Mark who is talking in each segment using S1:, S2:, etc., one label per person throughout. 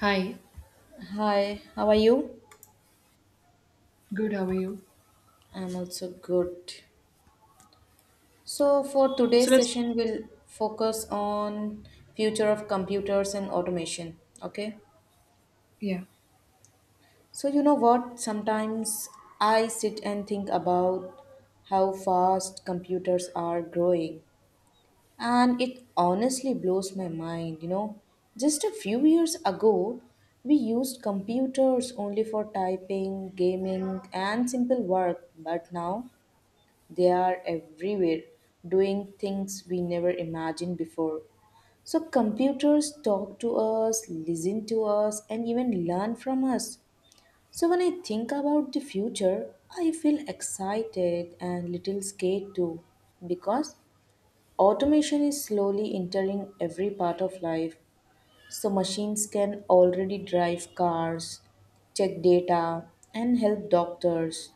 S1: Hi,
S2: Hi, how are you?
S1: good, how are you?
S2: I'm also good. So for
S1: So
S2: today's
S1: let's,
S2: session, we'll focus on future of computers and automation. Okay.
S1: yeah,
S2: So you know what? Sometimes I sit and think about how fast computers are growing, and it honestly blows my mind. You know, just a few years ago, we used computers only for typing, gaming, and simple work, but now they are everywhere doing things we never imagined before. So, computers talk to us, listen to us, and even learn from us. So, when I think about the future, I feel excited and little scared too because automation is slowly entering every part of life so machines can already drive cars, check data, and help doctors.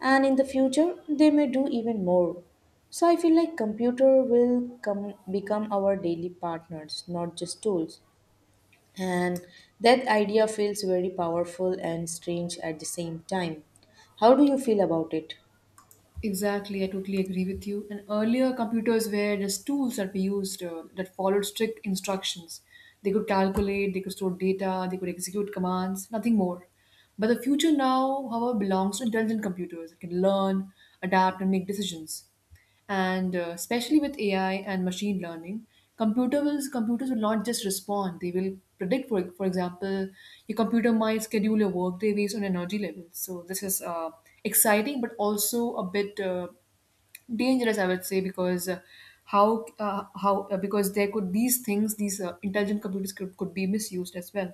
S2: And in the future, they may do even more. So I feel like computer will come become our daily partners, not just tools. And that idea feels very powerful and strange at the same time. How do you feel about it?
S1: Exactly. I totally agree with you. And earlier, computers were just tools that we used that followed strict instructions. They could calculate, they could store data, they could execute commands, nothing more. But the future now, however, belongs to intelligent computers that can learn, adapt, and make decisions. And especially with AI and machine learning, computers will not just respond; they will predict. For example, your computer might schedule your workday based on energy levels. So this is exciting, but also a bit dangerous, I would say, because how because there could these things these intelligent computers could be misused as well,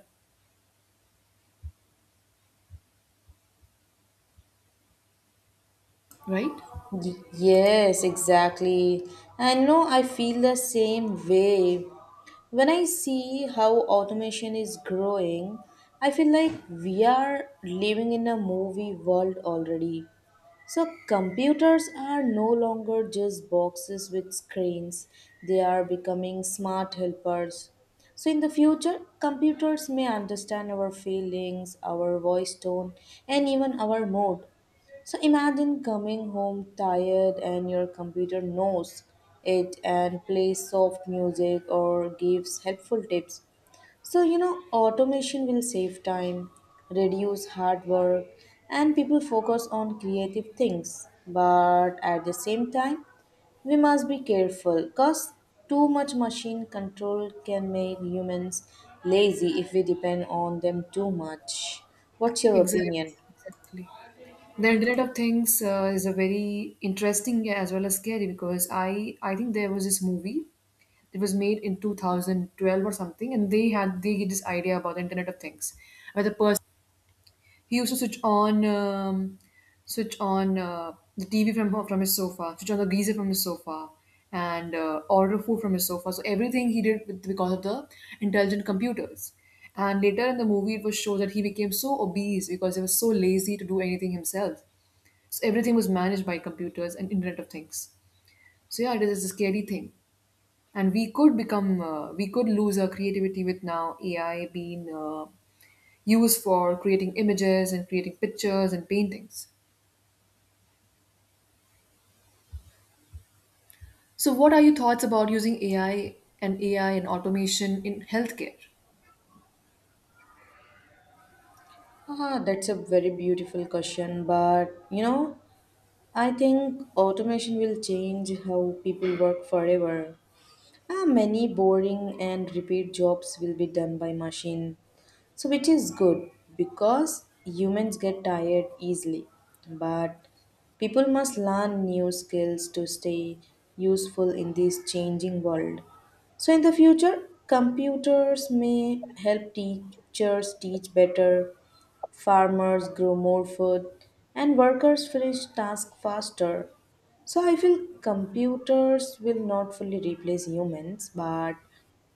S1: right?
S2: Yes, exactly. And know I feel the same way. When I see how automation is growing, I feel like we are living in a movie world already. So, computers are no longer just boxes with screens, they are becoming smart helpers. So, in the future, computers may understand our feelings, our voice tone, and even our mood. So imagine coming home tired and your computer knows it and plays soft music or gives helpful tips. So, you know, automation will save time, reduce hard work, and people focus on creative things. But at the same time, we must be careful because too much machine control can make humans lazy if we depend on them too much. What's your
S1: Exactly.
S2: opinion?
S1: Exactly. The Internet of Things is a very interesting as well as scary, because I think there was this movie. It was made in 2012 or something, and they get this idea about the Internet of Things, where the person, he used to switch on the TV from his sofa, switch on the geyser from his sofa, and order food from his sofa. So everything he did with, because of the intelligent computers. And later in the movie, it was shown that he became so obese because he was so lazy to do anything himself. So everything was managed by computers and Internet of Things. So yeah, it is a scary thing, and we could become we could lose our creativity with now AI being used for creating images and creating pictures and paintings. So what are your thoughts about using AI and automation in healthcare?
S2: Ah, that's a very beautiful question, but you know, I think automation will change how people work forever. Ah, many boring and repeat jobs will be done by machine. So which is good because humans get tired easily. But people must learn new skills to stay useful in this changing world. So in the future, computers may help teachers teach better, farmers grow more food, and workers finish tasks faster. So I feel computers will not fully replace humans, but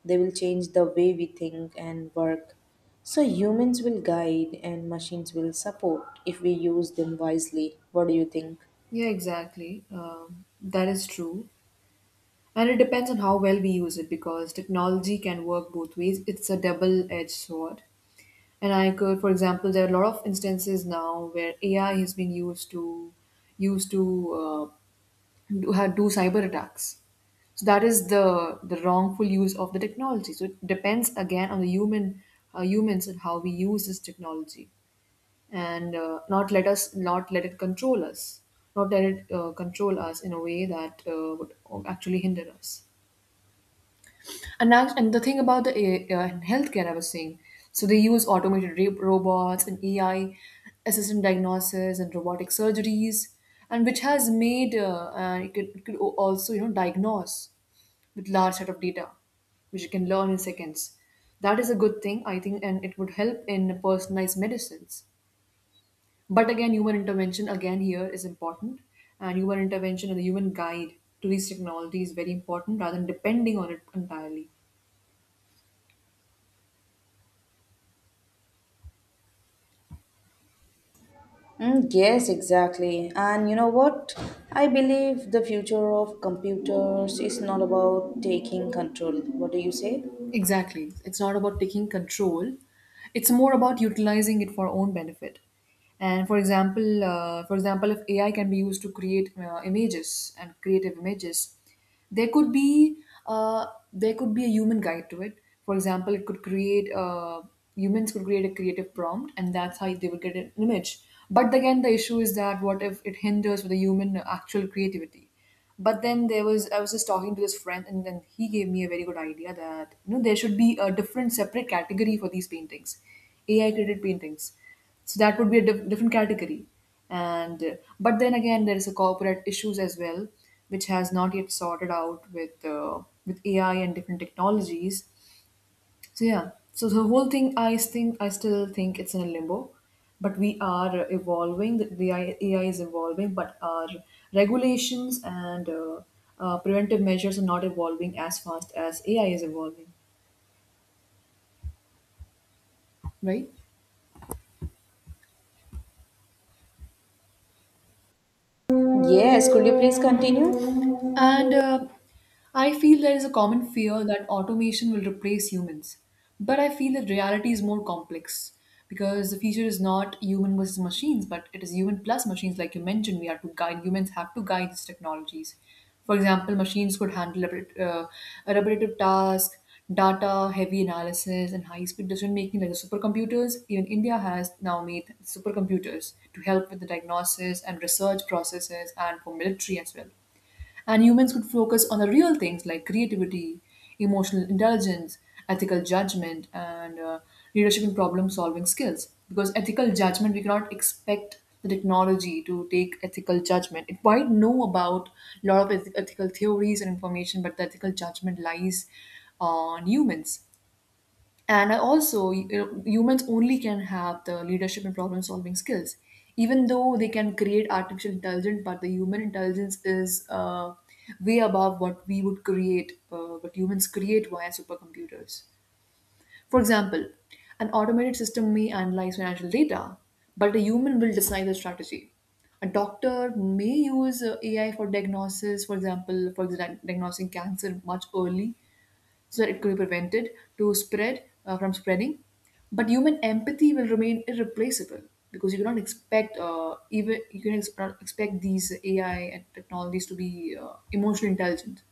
S2: they will change the way we think and work. So humans will guide and machines will support if we use them wisely. What do you think?
S1: Yeah, exactly. That is true. And it depends on how well we use it, because technology can work both ways. It's a double edged sword. And I could, for example, there are a lot of instances now where AI has been used to used to uh, do cyber attacks. So that is the wrongful use of the technology. So it depends again on the human humans and how we use this technology, and not let it control us, not let it control us in a way that would actually hinder us. And now, and the thing about the A healthcare, I was saying, so they use automated robots and AI, assistant diagnosis and robotic surgeries, and which has made it could also, you know, diagnose with large set of data, which you can learn in seconds. That is a good thing, I think, and it would help in personalized medicines. But again, human intervention again here is important, and human intervention and the human guide to these technology is very important, rather than depending on it entirely.
S2: Yes, exactly. And you know what? I believe the future of computers is not about taking control. What do you say?
S1: Exactly. It's not about taking control. It's more about utilizing it for own benefit. And for example, if AI can be used to create images and creative images, there could be a human guide to it. For example, it could create humans could create a creative prompt, and that's how they would get an image. But again, the issue is that what if it hinders the human actual creativity? But then there was, I was just talking to this friend, and then he gave me a very good idea that, you know, there should be a different separate category for these paintings, AI created paintings. So that would be a different category. And but then again, there is a corporate issues as well, which has not yet sorted out with AI and different technologies. So yeah, so the whole thing, I think, I still think it's in a limbo, but we are evolving. AI is evolving, but our regulations and preventive measures are not evolving as fast as AI is evolving, right?
S2: Yes, could you please continue?
S1: And I feel there is a common fear that automation will replace humans. But I feel that reality is more complex, because the future is not human versus machines, but it is human plus machines. Like you mentioned, we are to guide, humans have to guide these technologies. For example, machines could handle a repetitive task, data, heavy analysis, and high speed decision making, like the supercomputers. Even India has now made supercomputers to help with the diagnosis and research processes and for military as well. And humans could focus on the real things like creativity, emotional intelligence, ethical judgment, and leadership and problem solving skills. Because ethical judgment, we cannot expect the technology to take ethical judgment. It might know about a lot of ethical theories and information, but the ethical judgment lies on humans. And I also, you know, humans only can have the leadership and problem solving skills. Even though they can create artificial intelligence, but the human intelligence is way above what we would create, what humans create via supercomputers. For example, an automated system may analyze financial data, but a human will design the strategy. A doctor may use AI for diagnosis, for example, for diagnosing cancer much early, so that it could be prevented to spread from spreading. But human empathy will remain irreplaceable, because you cannot expect even you can ex- not expect these AI and technologies to be emotionally intelligent.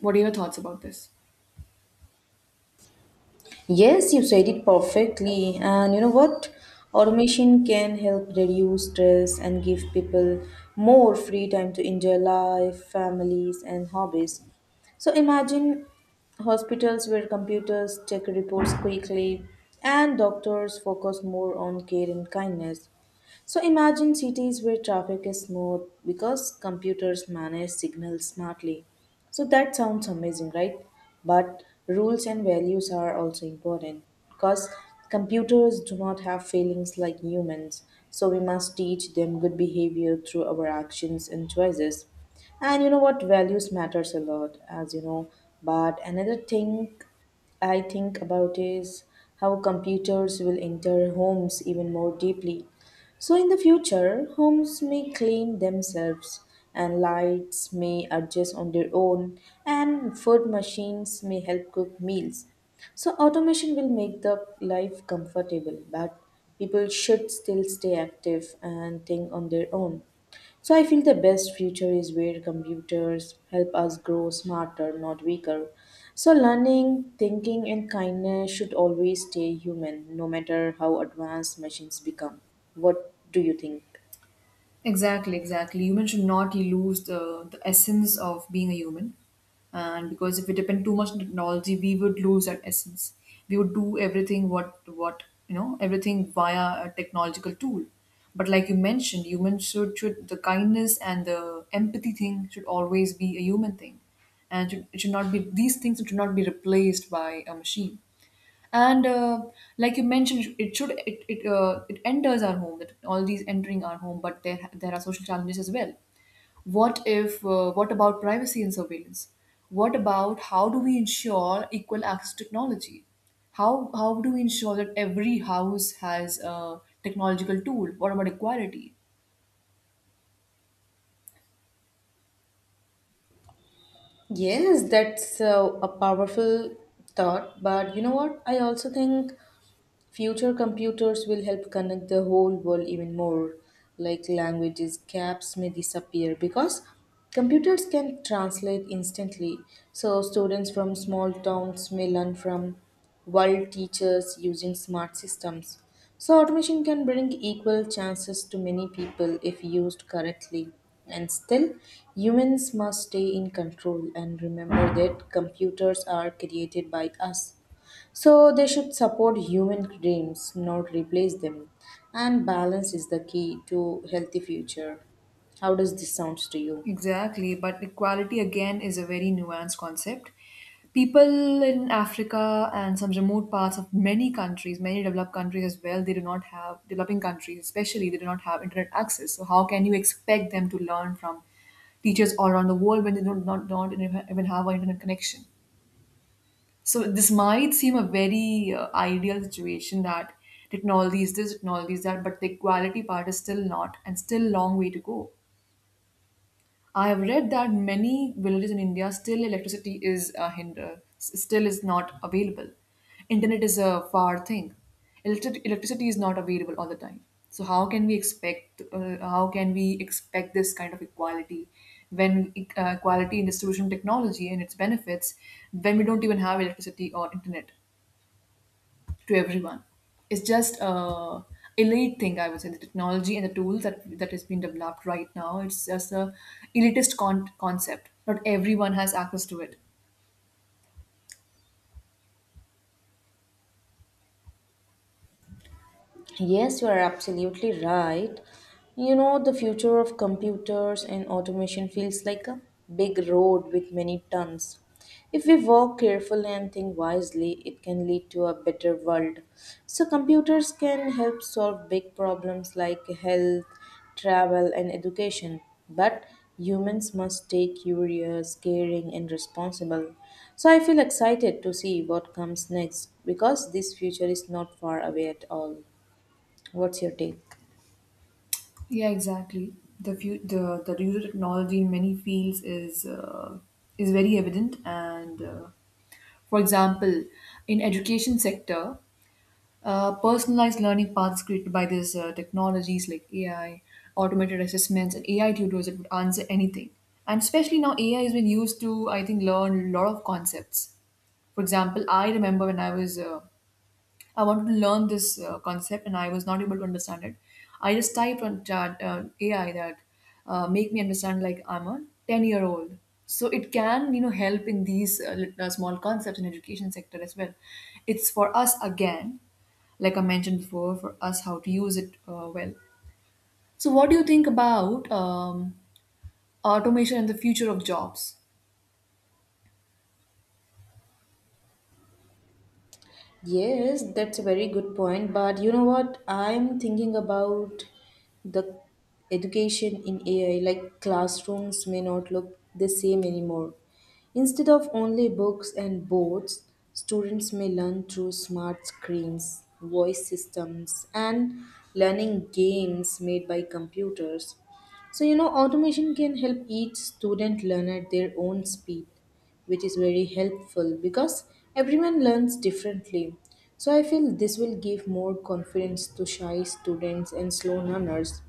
S1: What are your thoughts about this?
S2: Yes, you said it perfectly. And you know what? Automation can help reduce stress and give people more free time to enjoy life, families, and hobbies. So imagine hospitals where computers check reports quickly and doctors focus more on care and kindness. So imagine cities where traffic is smooth because computers manage signals smartly. So that sounds amazing, right? But rules and values are also important because computers do not have feelings like humans. So we must teach them good behavior through our actions and choices. And you know what? Values matters a lot, as you know. But another thing I think about is how computers will enter homes even more deeply so, in the future, homes may clean themselves, and lights may adjust on their own, and food machines may help cook meals. So, automation will make the life comfortable, but people should still stay active and think on their own. So I feel the best future is where computers help us grow smarter, not weaker. So learning, thinking, and kindness should always stay human, no matter how advanced machines become. What do you think?
S1: Exactly, exactly. Human should not lose the essence of being a human. And because if we depend too much on technology, we would lose that essence. We would do everything what you know, everything via a technological tool. But like you mentioned, humans should the kindness and the empathy thing should always be a human thing. And should, it should not be these things should not be replaced by a machine. And like you mentioned, it should it it, it enters our home, that all these entering our home, but there are social challenges as well. What if, what about privacy and surveillance? What about how do we ensure equal access to technology? how how do we ensure that every house has a technological tool? What about equality?
S2: Yes, that's a powerful thought. But you know what? I also think future computers will help connect the whole world even more, like languages gaps may disappear because computers can translate instantly. So students from small towns may learn from world teachers using smart systems. So automation can bring equal chances to many people if used correctly. And still, humans must stay in control and remember that computers are created by us. So they should support human dreams, not replace them. And balance is the key to healthy future. How does this sound to you?
S1: Exactly, but equality again is a very nuanced concept. People in Africa and some remote parts of many countries, many developed countries as well, they do not have, developing countries especially, they do not have internet access. So, how can you expect them to learn from teachers all around the world when they do not, don't even have an internet connection? So, this might seem a very ideal situation, that technology is this, technology is that, but the equality part is still not and still long way to go. I have read that many villages in India still electricity is a hinder, still is not available. Internet is a far thing. Electricity is not available all the time. So how can we expect? How can we expect this kind of equality when equality in distribution technology and its benefits when we don't even have electricity or internet to everyone? It's just a elite thing, I would say. The technology and the tools that has been developed right now, it's just a elitist concept. Not everyone has access to it.
S2: Yes, you are absolutely right. You know, the future of computers and automation feels like a big road with many turns. If we walk carefully and think wisely, it can lead to a better world. So, computers can help solve big problems like health, travel, and education. But humans must stay curious, caring, and responsible. So, I feel excited to see what comes next because this future is not far away at all. What's your take?
S1: Yeah, exactly. The few, the use of technology in many fields is very evident, and for example, in education sector, personalized learning paths created by these technologies like AI, automated assessments, and AI tutors that would answer anything. And especially now, AI has been used to, I think, learn a lot of concepts. For example, I remember when I was I wanted to learn this concept and I was not able to understand it. I just typed on chat AI that make me understand like I'm a 10-year-old. So it can, you know, help in these small concepts in education sector as well. It's for us again, like I mentioned before, for us how to use it well. So what do you think about automation and the future of jobs?
S2: Yes, that's a very good point. But you know what? I'm thinking about the education in AI. Like classrooms may not look the same anymore. Instead of only books and boards, students may learn through smart screens, voice systems, and learning games made by computers. So, you know, automation can help each student learn at their own speed, which is very helpful because everyone learns differently. So I feel this will give more confidence to shy students and slow learners,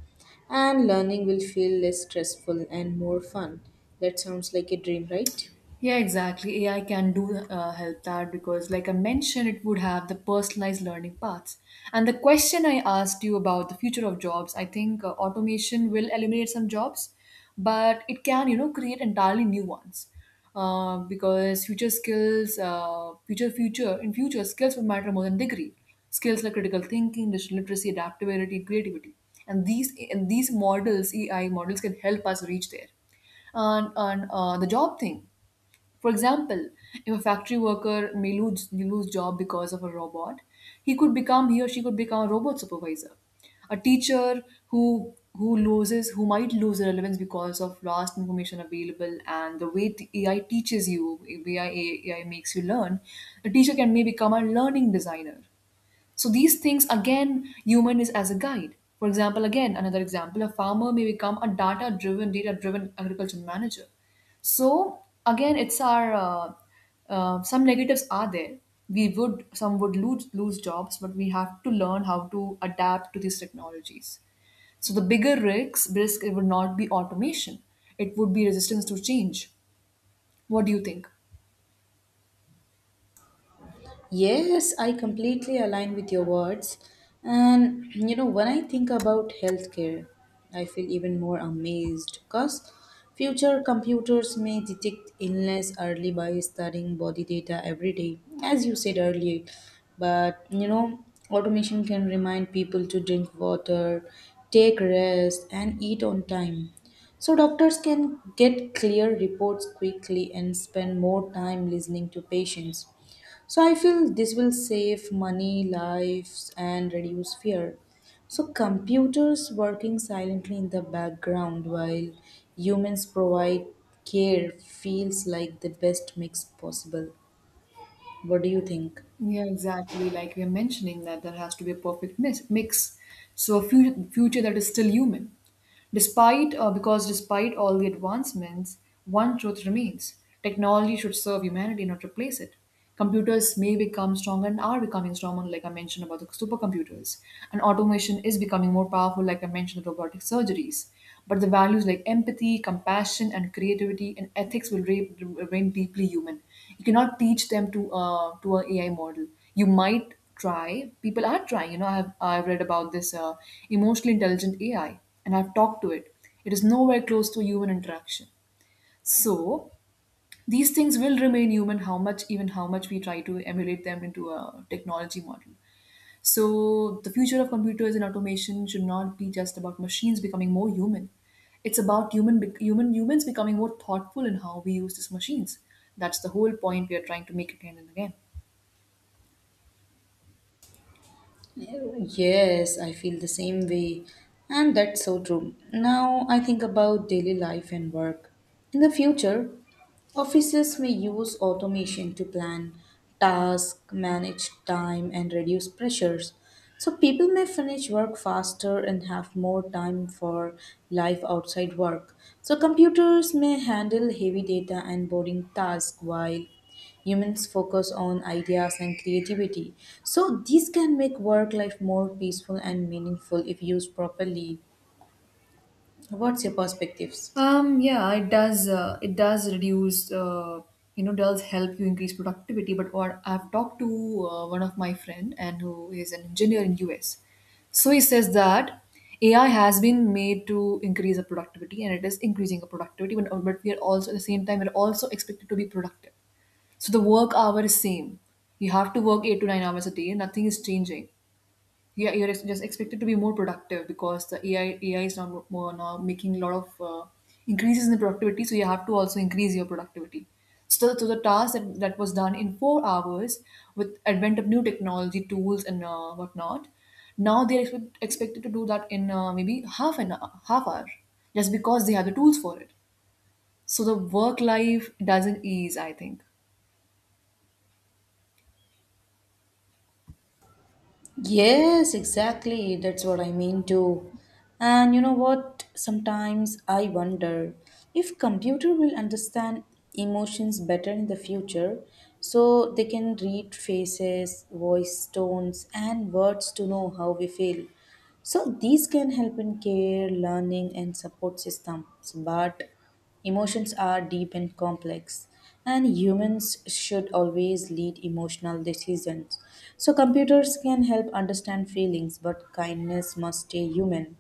S2: and learning will feel less stressful and more fun. That sounds like a dream, right?
S1: Yeah, exactly. AI can do help that because, like I mentioned, it would have the personalized learning paths. And the question I asked you about the future of jobs, I think automation will eliminate some jobs, but it can, you know, create entirely new ones. Because future skills, future skills will matter more than degree. Skills like critical thinking, digital literacy, adaptability, creativity, and these models, AI models, can help us reach there and, the job thing. For example, if a factory worker may lose job because of a robot, he or she could become a robot supervisor. A teacher who loses who might lose relevance because of vast information available and the way AI teaches you, AI, AI makes you learn, a teacher can may become a learning designer. So these things again, human is as a guide. For example, again, another example, a farmer may become a data driven agriculture manager. So again, it's our some negatives are there. We would some would lose jobs, but we have to learn how to adapt to these technologies. So the bigger risk it would not be automation. It would be resistance to change. What do you think?
S2: Yes, I completely align with your words. And you know, when I think about healthcare, I feel even more amazed because future computers may detect illness early by studying body data every day, as you said earlier. But you know, automation can remind people to drink water, take rest, and eat on time. So doctors can get clear reports quickly and spend more time listening to patients. So I feel this will save money, lives, and reduce fear. So computers working silently in the background while humans provide care feels like the best mix possible. What do you think?
S1: Yeah, exactly. Like we are mentioning that there has to be a perfect mix. So a future that is still human. Because despite all the advancements, one truth remains. Technology should serve humanity, not replace it. Computers may become stronger and are becoming stronger, like I mentioned about the supercomputers. And automation is becoming more powerful, like I mentioned, the robotic surgeries. But the values like empathy, compassion, and creativity and ethics will remain deeply human. You cannot teach them to an a AI model. You might try. People are trying. You know, I've read about this emotionally intelligent AI, and I've talked to it. It is nowhere close to human interaction. So these things will remain human. How much we try to emulate them into a technology model. So the future of computers and automation should not be just about machines becoming more human. It's about humans becoming more thoughtful in how we use these machines. That's the whole point we are trying to make again and again.
S2: Yes, I feel the same way. And that's so true. Now I think about daily life and work. In the future, offices may use automation to plan tasks, manage time, and reduce pressures. So people may finish work faster and have more time for life outside work. So computers may handle heavy data and boring tasks while humans focus on ideas and creativity. So these can make work life more peaceful and meaningful if used properly. What's your perspectives?
S1: Yeah, it does. It does reduce. Does help you increase productivity. But what I've talked to one of my friend and who is an engineer in US, so he says that AI has been made to increase the productivity, and it is increasing the productivity. But we are also at the same time we're also expected to be productive. So the work hour is same. You have to work 8 to 9 hours a day. Nothing is changing. Yeah, you're just expected to be more productive because the AI is now more now making a lot of increases in the productivity, so you have to also increase your productivity. So the task that was done in 4 hours, with advent of new technology tools and whatnot, now they're expected to do that in maybe half an hour, half hour, just because they have the tools for it. So the work life doesn't ease, I think.
S2: Yes, exactly. That's what I mean too. And you know what? Sometimes I wonder if computer will understand emotions better in the future so they can read faces, voice tones and words to know how we feel. So these can help in care, learning, and support systems, but emotions are deep and complex, and humans should always lead emotional decisions. So computers can help understand feelings, but kindness must stay human.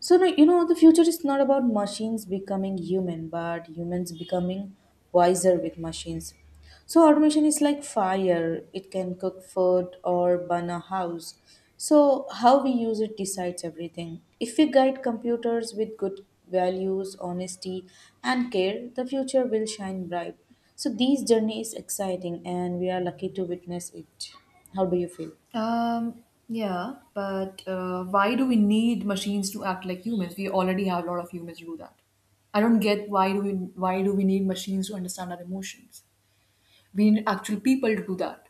S2: So no, you know the future is not about machines becoming human, but humans becoming wiser with machines. So automation is like fire. It can cook food or burn a house. So how we use it decides everything. If we guide computers with good values, honesty and care, the future will shine bright. So this journey is exciting and we are lucky to witness it. How do you feel?
S1: Yeah, but why do we need machines to act like humans? We already have a lot of humans do that. I don't get why do we need machines to understand our emotions? We need actual people to do that.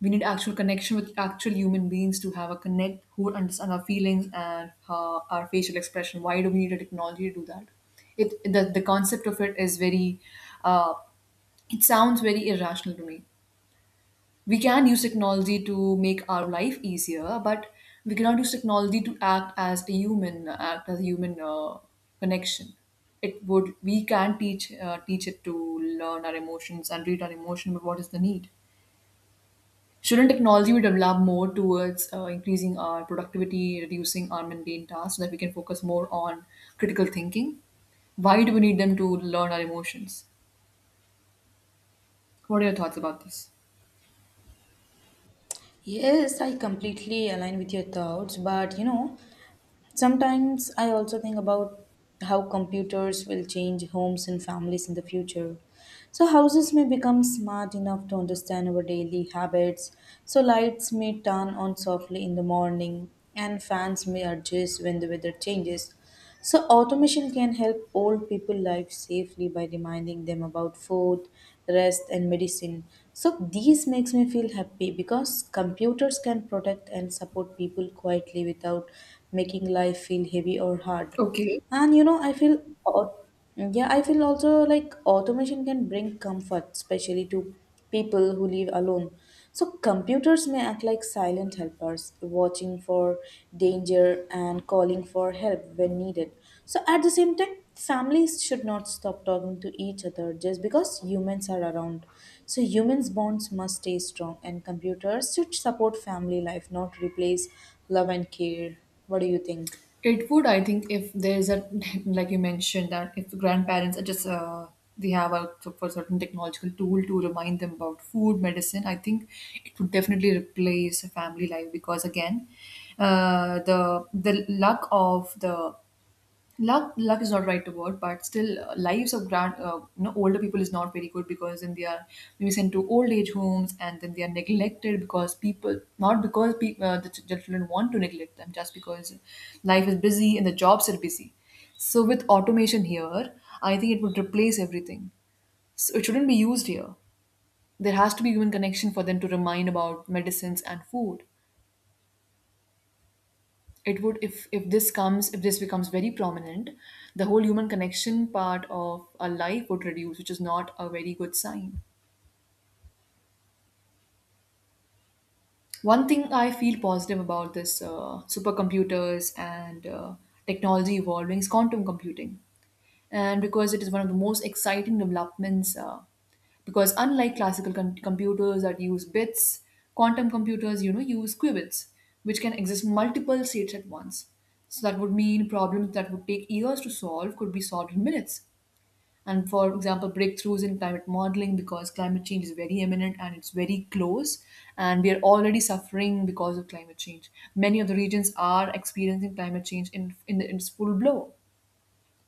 S1: We need actual connection with actual human beings to have a connect who understand our feelings and our facial expression. Why do we need a technology to do that? The concept of it is very uh, it sounds very irrational to me. We can use technology to make our life easier, but we cannot use technology to act as a human, act as a human connection. It would we can teach it to learn our emotions and read our emotion, but what is the need? Shouldn't technology be developed more towards increasing our productivity, reducing our mundane tasks, so that we can focus more on critical thinking? Why do we need them to learn our emotions? What are your thoughts about this?
S2: Yes, I completely align with your thoughts, but you know, sometimes I also think about how computers will change homes and families in the future. So, houses may become smart enough to understand our daily habits. So, lights may turn on softly in the morning, and fans may adjust when the weather changes. So, automation can help old people live safely by reminding them about food, rest, and medicine. So, these makes me feel happy because computers can protect and support people quietly without making life feel heavy or hard.
S1: Okay.
S2: And you know, I feel, yeah, I feel also like automation can bring comfort, especially to people who live alone. So computers may act like silent helpers, watching for danger and calling for help when needed. So at the same time, families should not stop talking to each other just because humans are around. So humans' bonds must stay strong, and computers should support family life, not replace love and care. What do you think?
S1: It would, I think, if there's a like you mentioned that if grandparents are just they have a so for certain technological tool to remind them about food, medicine. I think it would definitely replace family life because again, the luck of the luck is not right word, but still, lives of grand you know, older people is not very good because then they are maybe sent to old age homes, and then they are neglected because people not because pe- the ch- children want to neglect them just because life is busy and the jobs are busy. So with automation here, I think it would replace everything. So it shouldn't be used here. There has to be human connection for them to remind about medicines and food. It would, if this comes, if this becomes very prominent, the whole human connection part of our life would reduce, which is not a very good sign. One thing I feel positive about this supercomputers and technology evolving is quantum computing, and because it is one of the most exciting developments because unlike classical computers that use bits, quantum computers, you know, use qubits, which can exist in multiple states at once. So that would mean problems that would take years to solve could be solved in minutes. And for example, breakthroughs in climate modeling, because climate change is very imminent and it's very close, and we are already suffering because of climate change. Many of the regions are experiencing climate change in its full blow.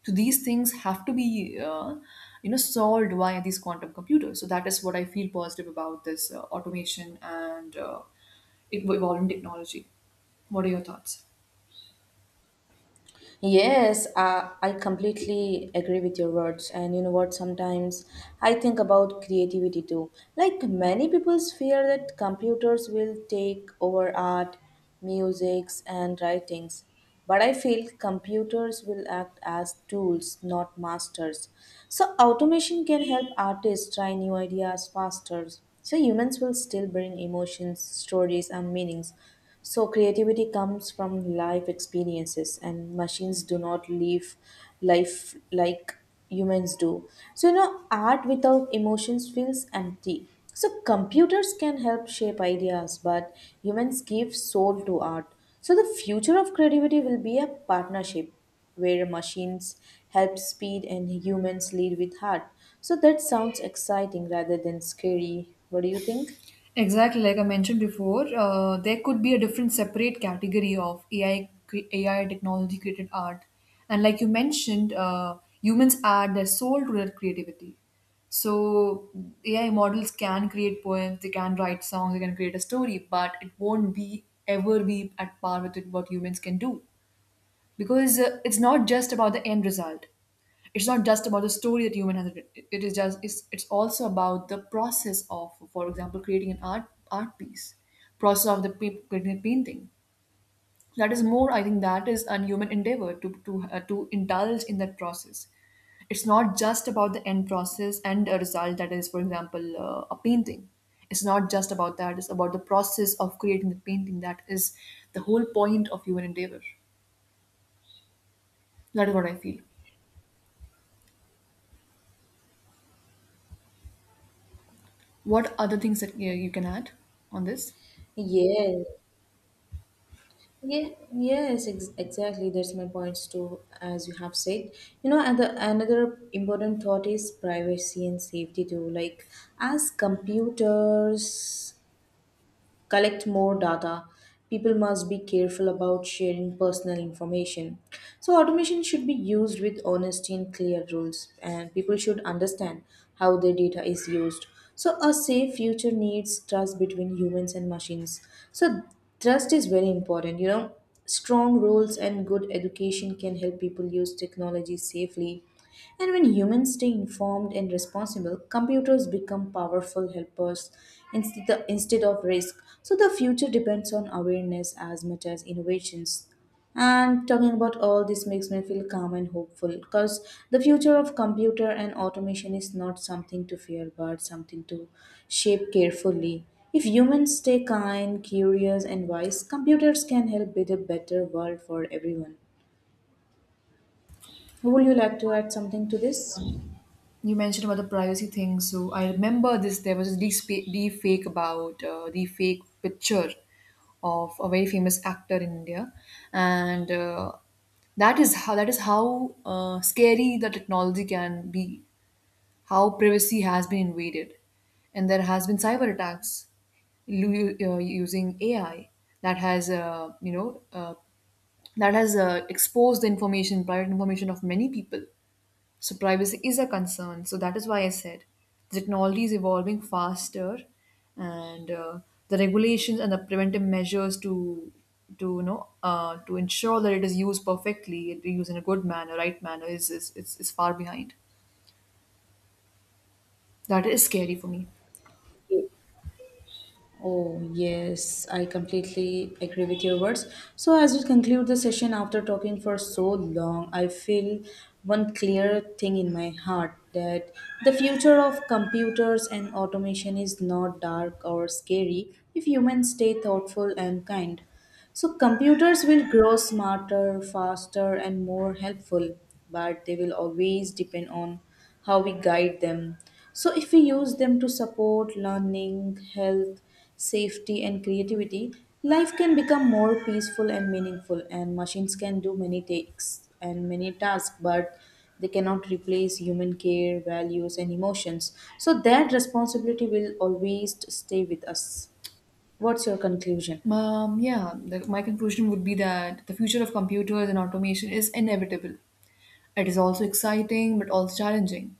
S1: So these things have to be you know, solved via these quantum computers. So that is what I feel positive about this automation and evolving technology. What are your thoughts?
S2: Yes, I completely agree with your words. And you know what? Sometimes I think about creativity too. Like many people's fear that computers will take over art, musics, and writings. But I feel computers will act as tools, not masters. So automation can help artists try new ideas faster. So humans will still bring emotions, stories, and meanings. So, creativity comes from life experiences, and machines do not live life like humans do. So, you know, art without emotions feels empty. So, computers can help shape ideas, but humans give soul to art. So, the future of creativity will be a partnership where machines help speed and humans lead with heart. So, that sounds exciting rather than scary. What do you think?
S1: Exactly, like I mentioned before, there could be a different separate category of AI, AI technology created art. And like you mentioned, humans add their soul to their creativity. So AI models can create poems, they can write songs, they can create a story, but it won't be ever be at par with it what humans can do, because it's not just about the end result. It's not just about the story that human has writ- it is just it's also about the process of, for example, creating an art art piece, process of the creating a painting. That is more, I think, that is an human endeavor to to indulge in that process. It's not just about the end process and a result that is, for example, a painting. It's not just about that. It's about the process of creating the painting. That is the whole point of human endeavor. That is what I feel. What other things that you can add on this?
S2: Yes. Yeah, yes, exactly. That's my points too, as you have said. You know, and the, another important thought is privacy and safety too. Like, as computers collect more data. People must be careful about sharing personal information. So, automation should be used with honesty and clear rules, and people should understand how their data is used. So, a safe future needs trust between humans and machines. So, trust is very important, you know. Strong rules and good education can help people use technology safely and when humans stay informed and responsible, computers become powerful helpers instead of risk. So the future depends on awareness as much as innovations. And talking about all this makes me feel calm and hopeful because the future of computer and automation is not something to fear but something to shape carefully. If humans stay kind, curious, and wise, computers can help build a better world for everyone. Would you like to add something to this?
S1: You mentioned about the privacy thing, so I remember this, there was a deep fake about the fake picture of a very famous actor in India. And that is how scary the technology can be, how privacy has been invaded. And there has been cyber attacks, using AI, that has exposed the information, private information of many people. So privacy is a concern. So that is why I said the technology is evolving faster, and the regulations and the preventive measures to to ensure that it is used perfectly, it is used in a good manner, right manner, is far behind. That is scary for me.
S2: Yes. Oh, yes, I completely agree with your words. So, as we conclude the session after talking for so long, I feel one clear thing in my heart that the future of computers and automation is not dark or scary if humans stay thoughtful and kind. So, computers will grow smarter, faster, and more helpful, but they will always depend on how we guide them. So, if we use them to support learning, health, safety, and creativity, life can become more peaceful and meaningful. And machines can do many takes and many tasks, but they cannot replace human care, values, and emotions. So, that responsibility will always stay with us. What's your conclusion?
S1: My conclusion would be that the future of computers and automation is inevitable. It is also exciting but also challenging.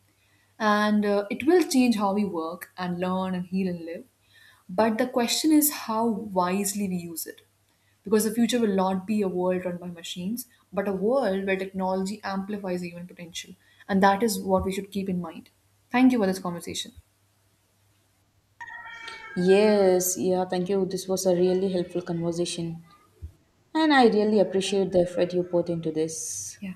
S1: And it will change how we work and learn and heal and live. But the question is how wisely we use it. Because the future will not be a world run by machines, but a world where technology amplifies the human potential. And that is what we should keep in mind. Thank you for this conversation.
S2: Yes, yeah, thank you. This was a really helpful conversation. And I really appreciate the effort you put into this.
S1: Yeah.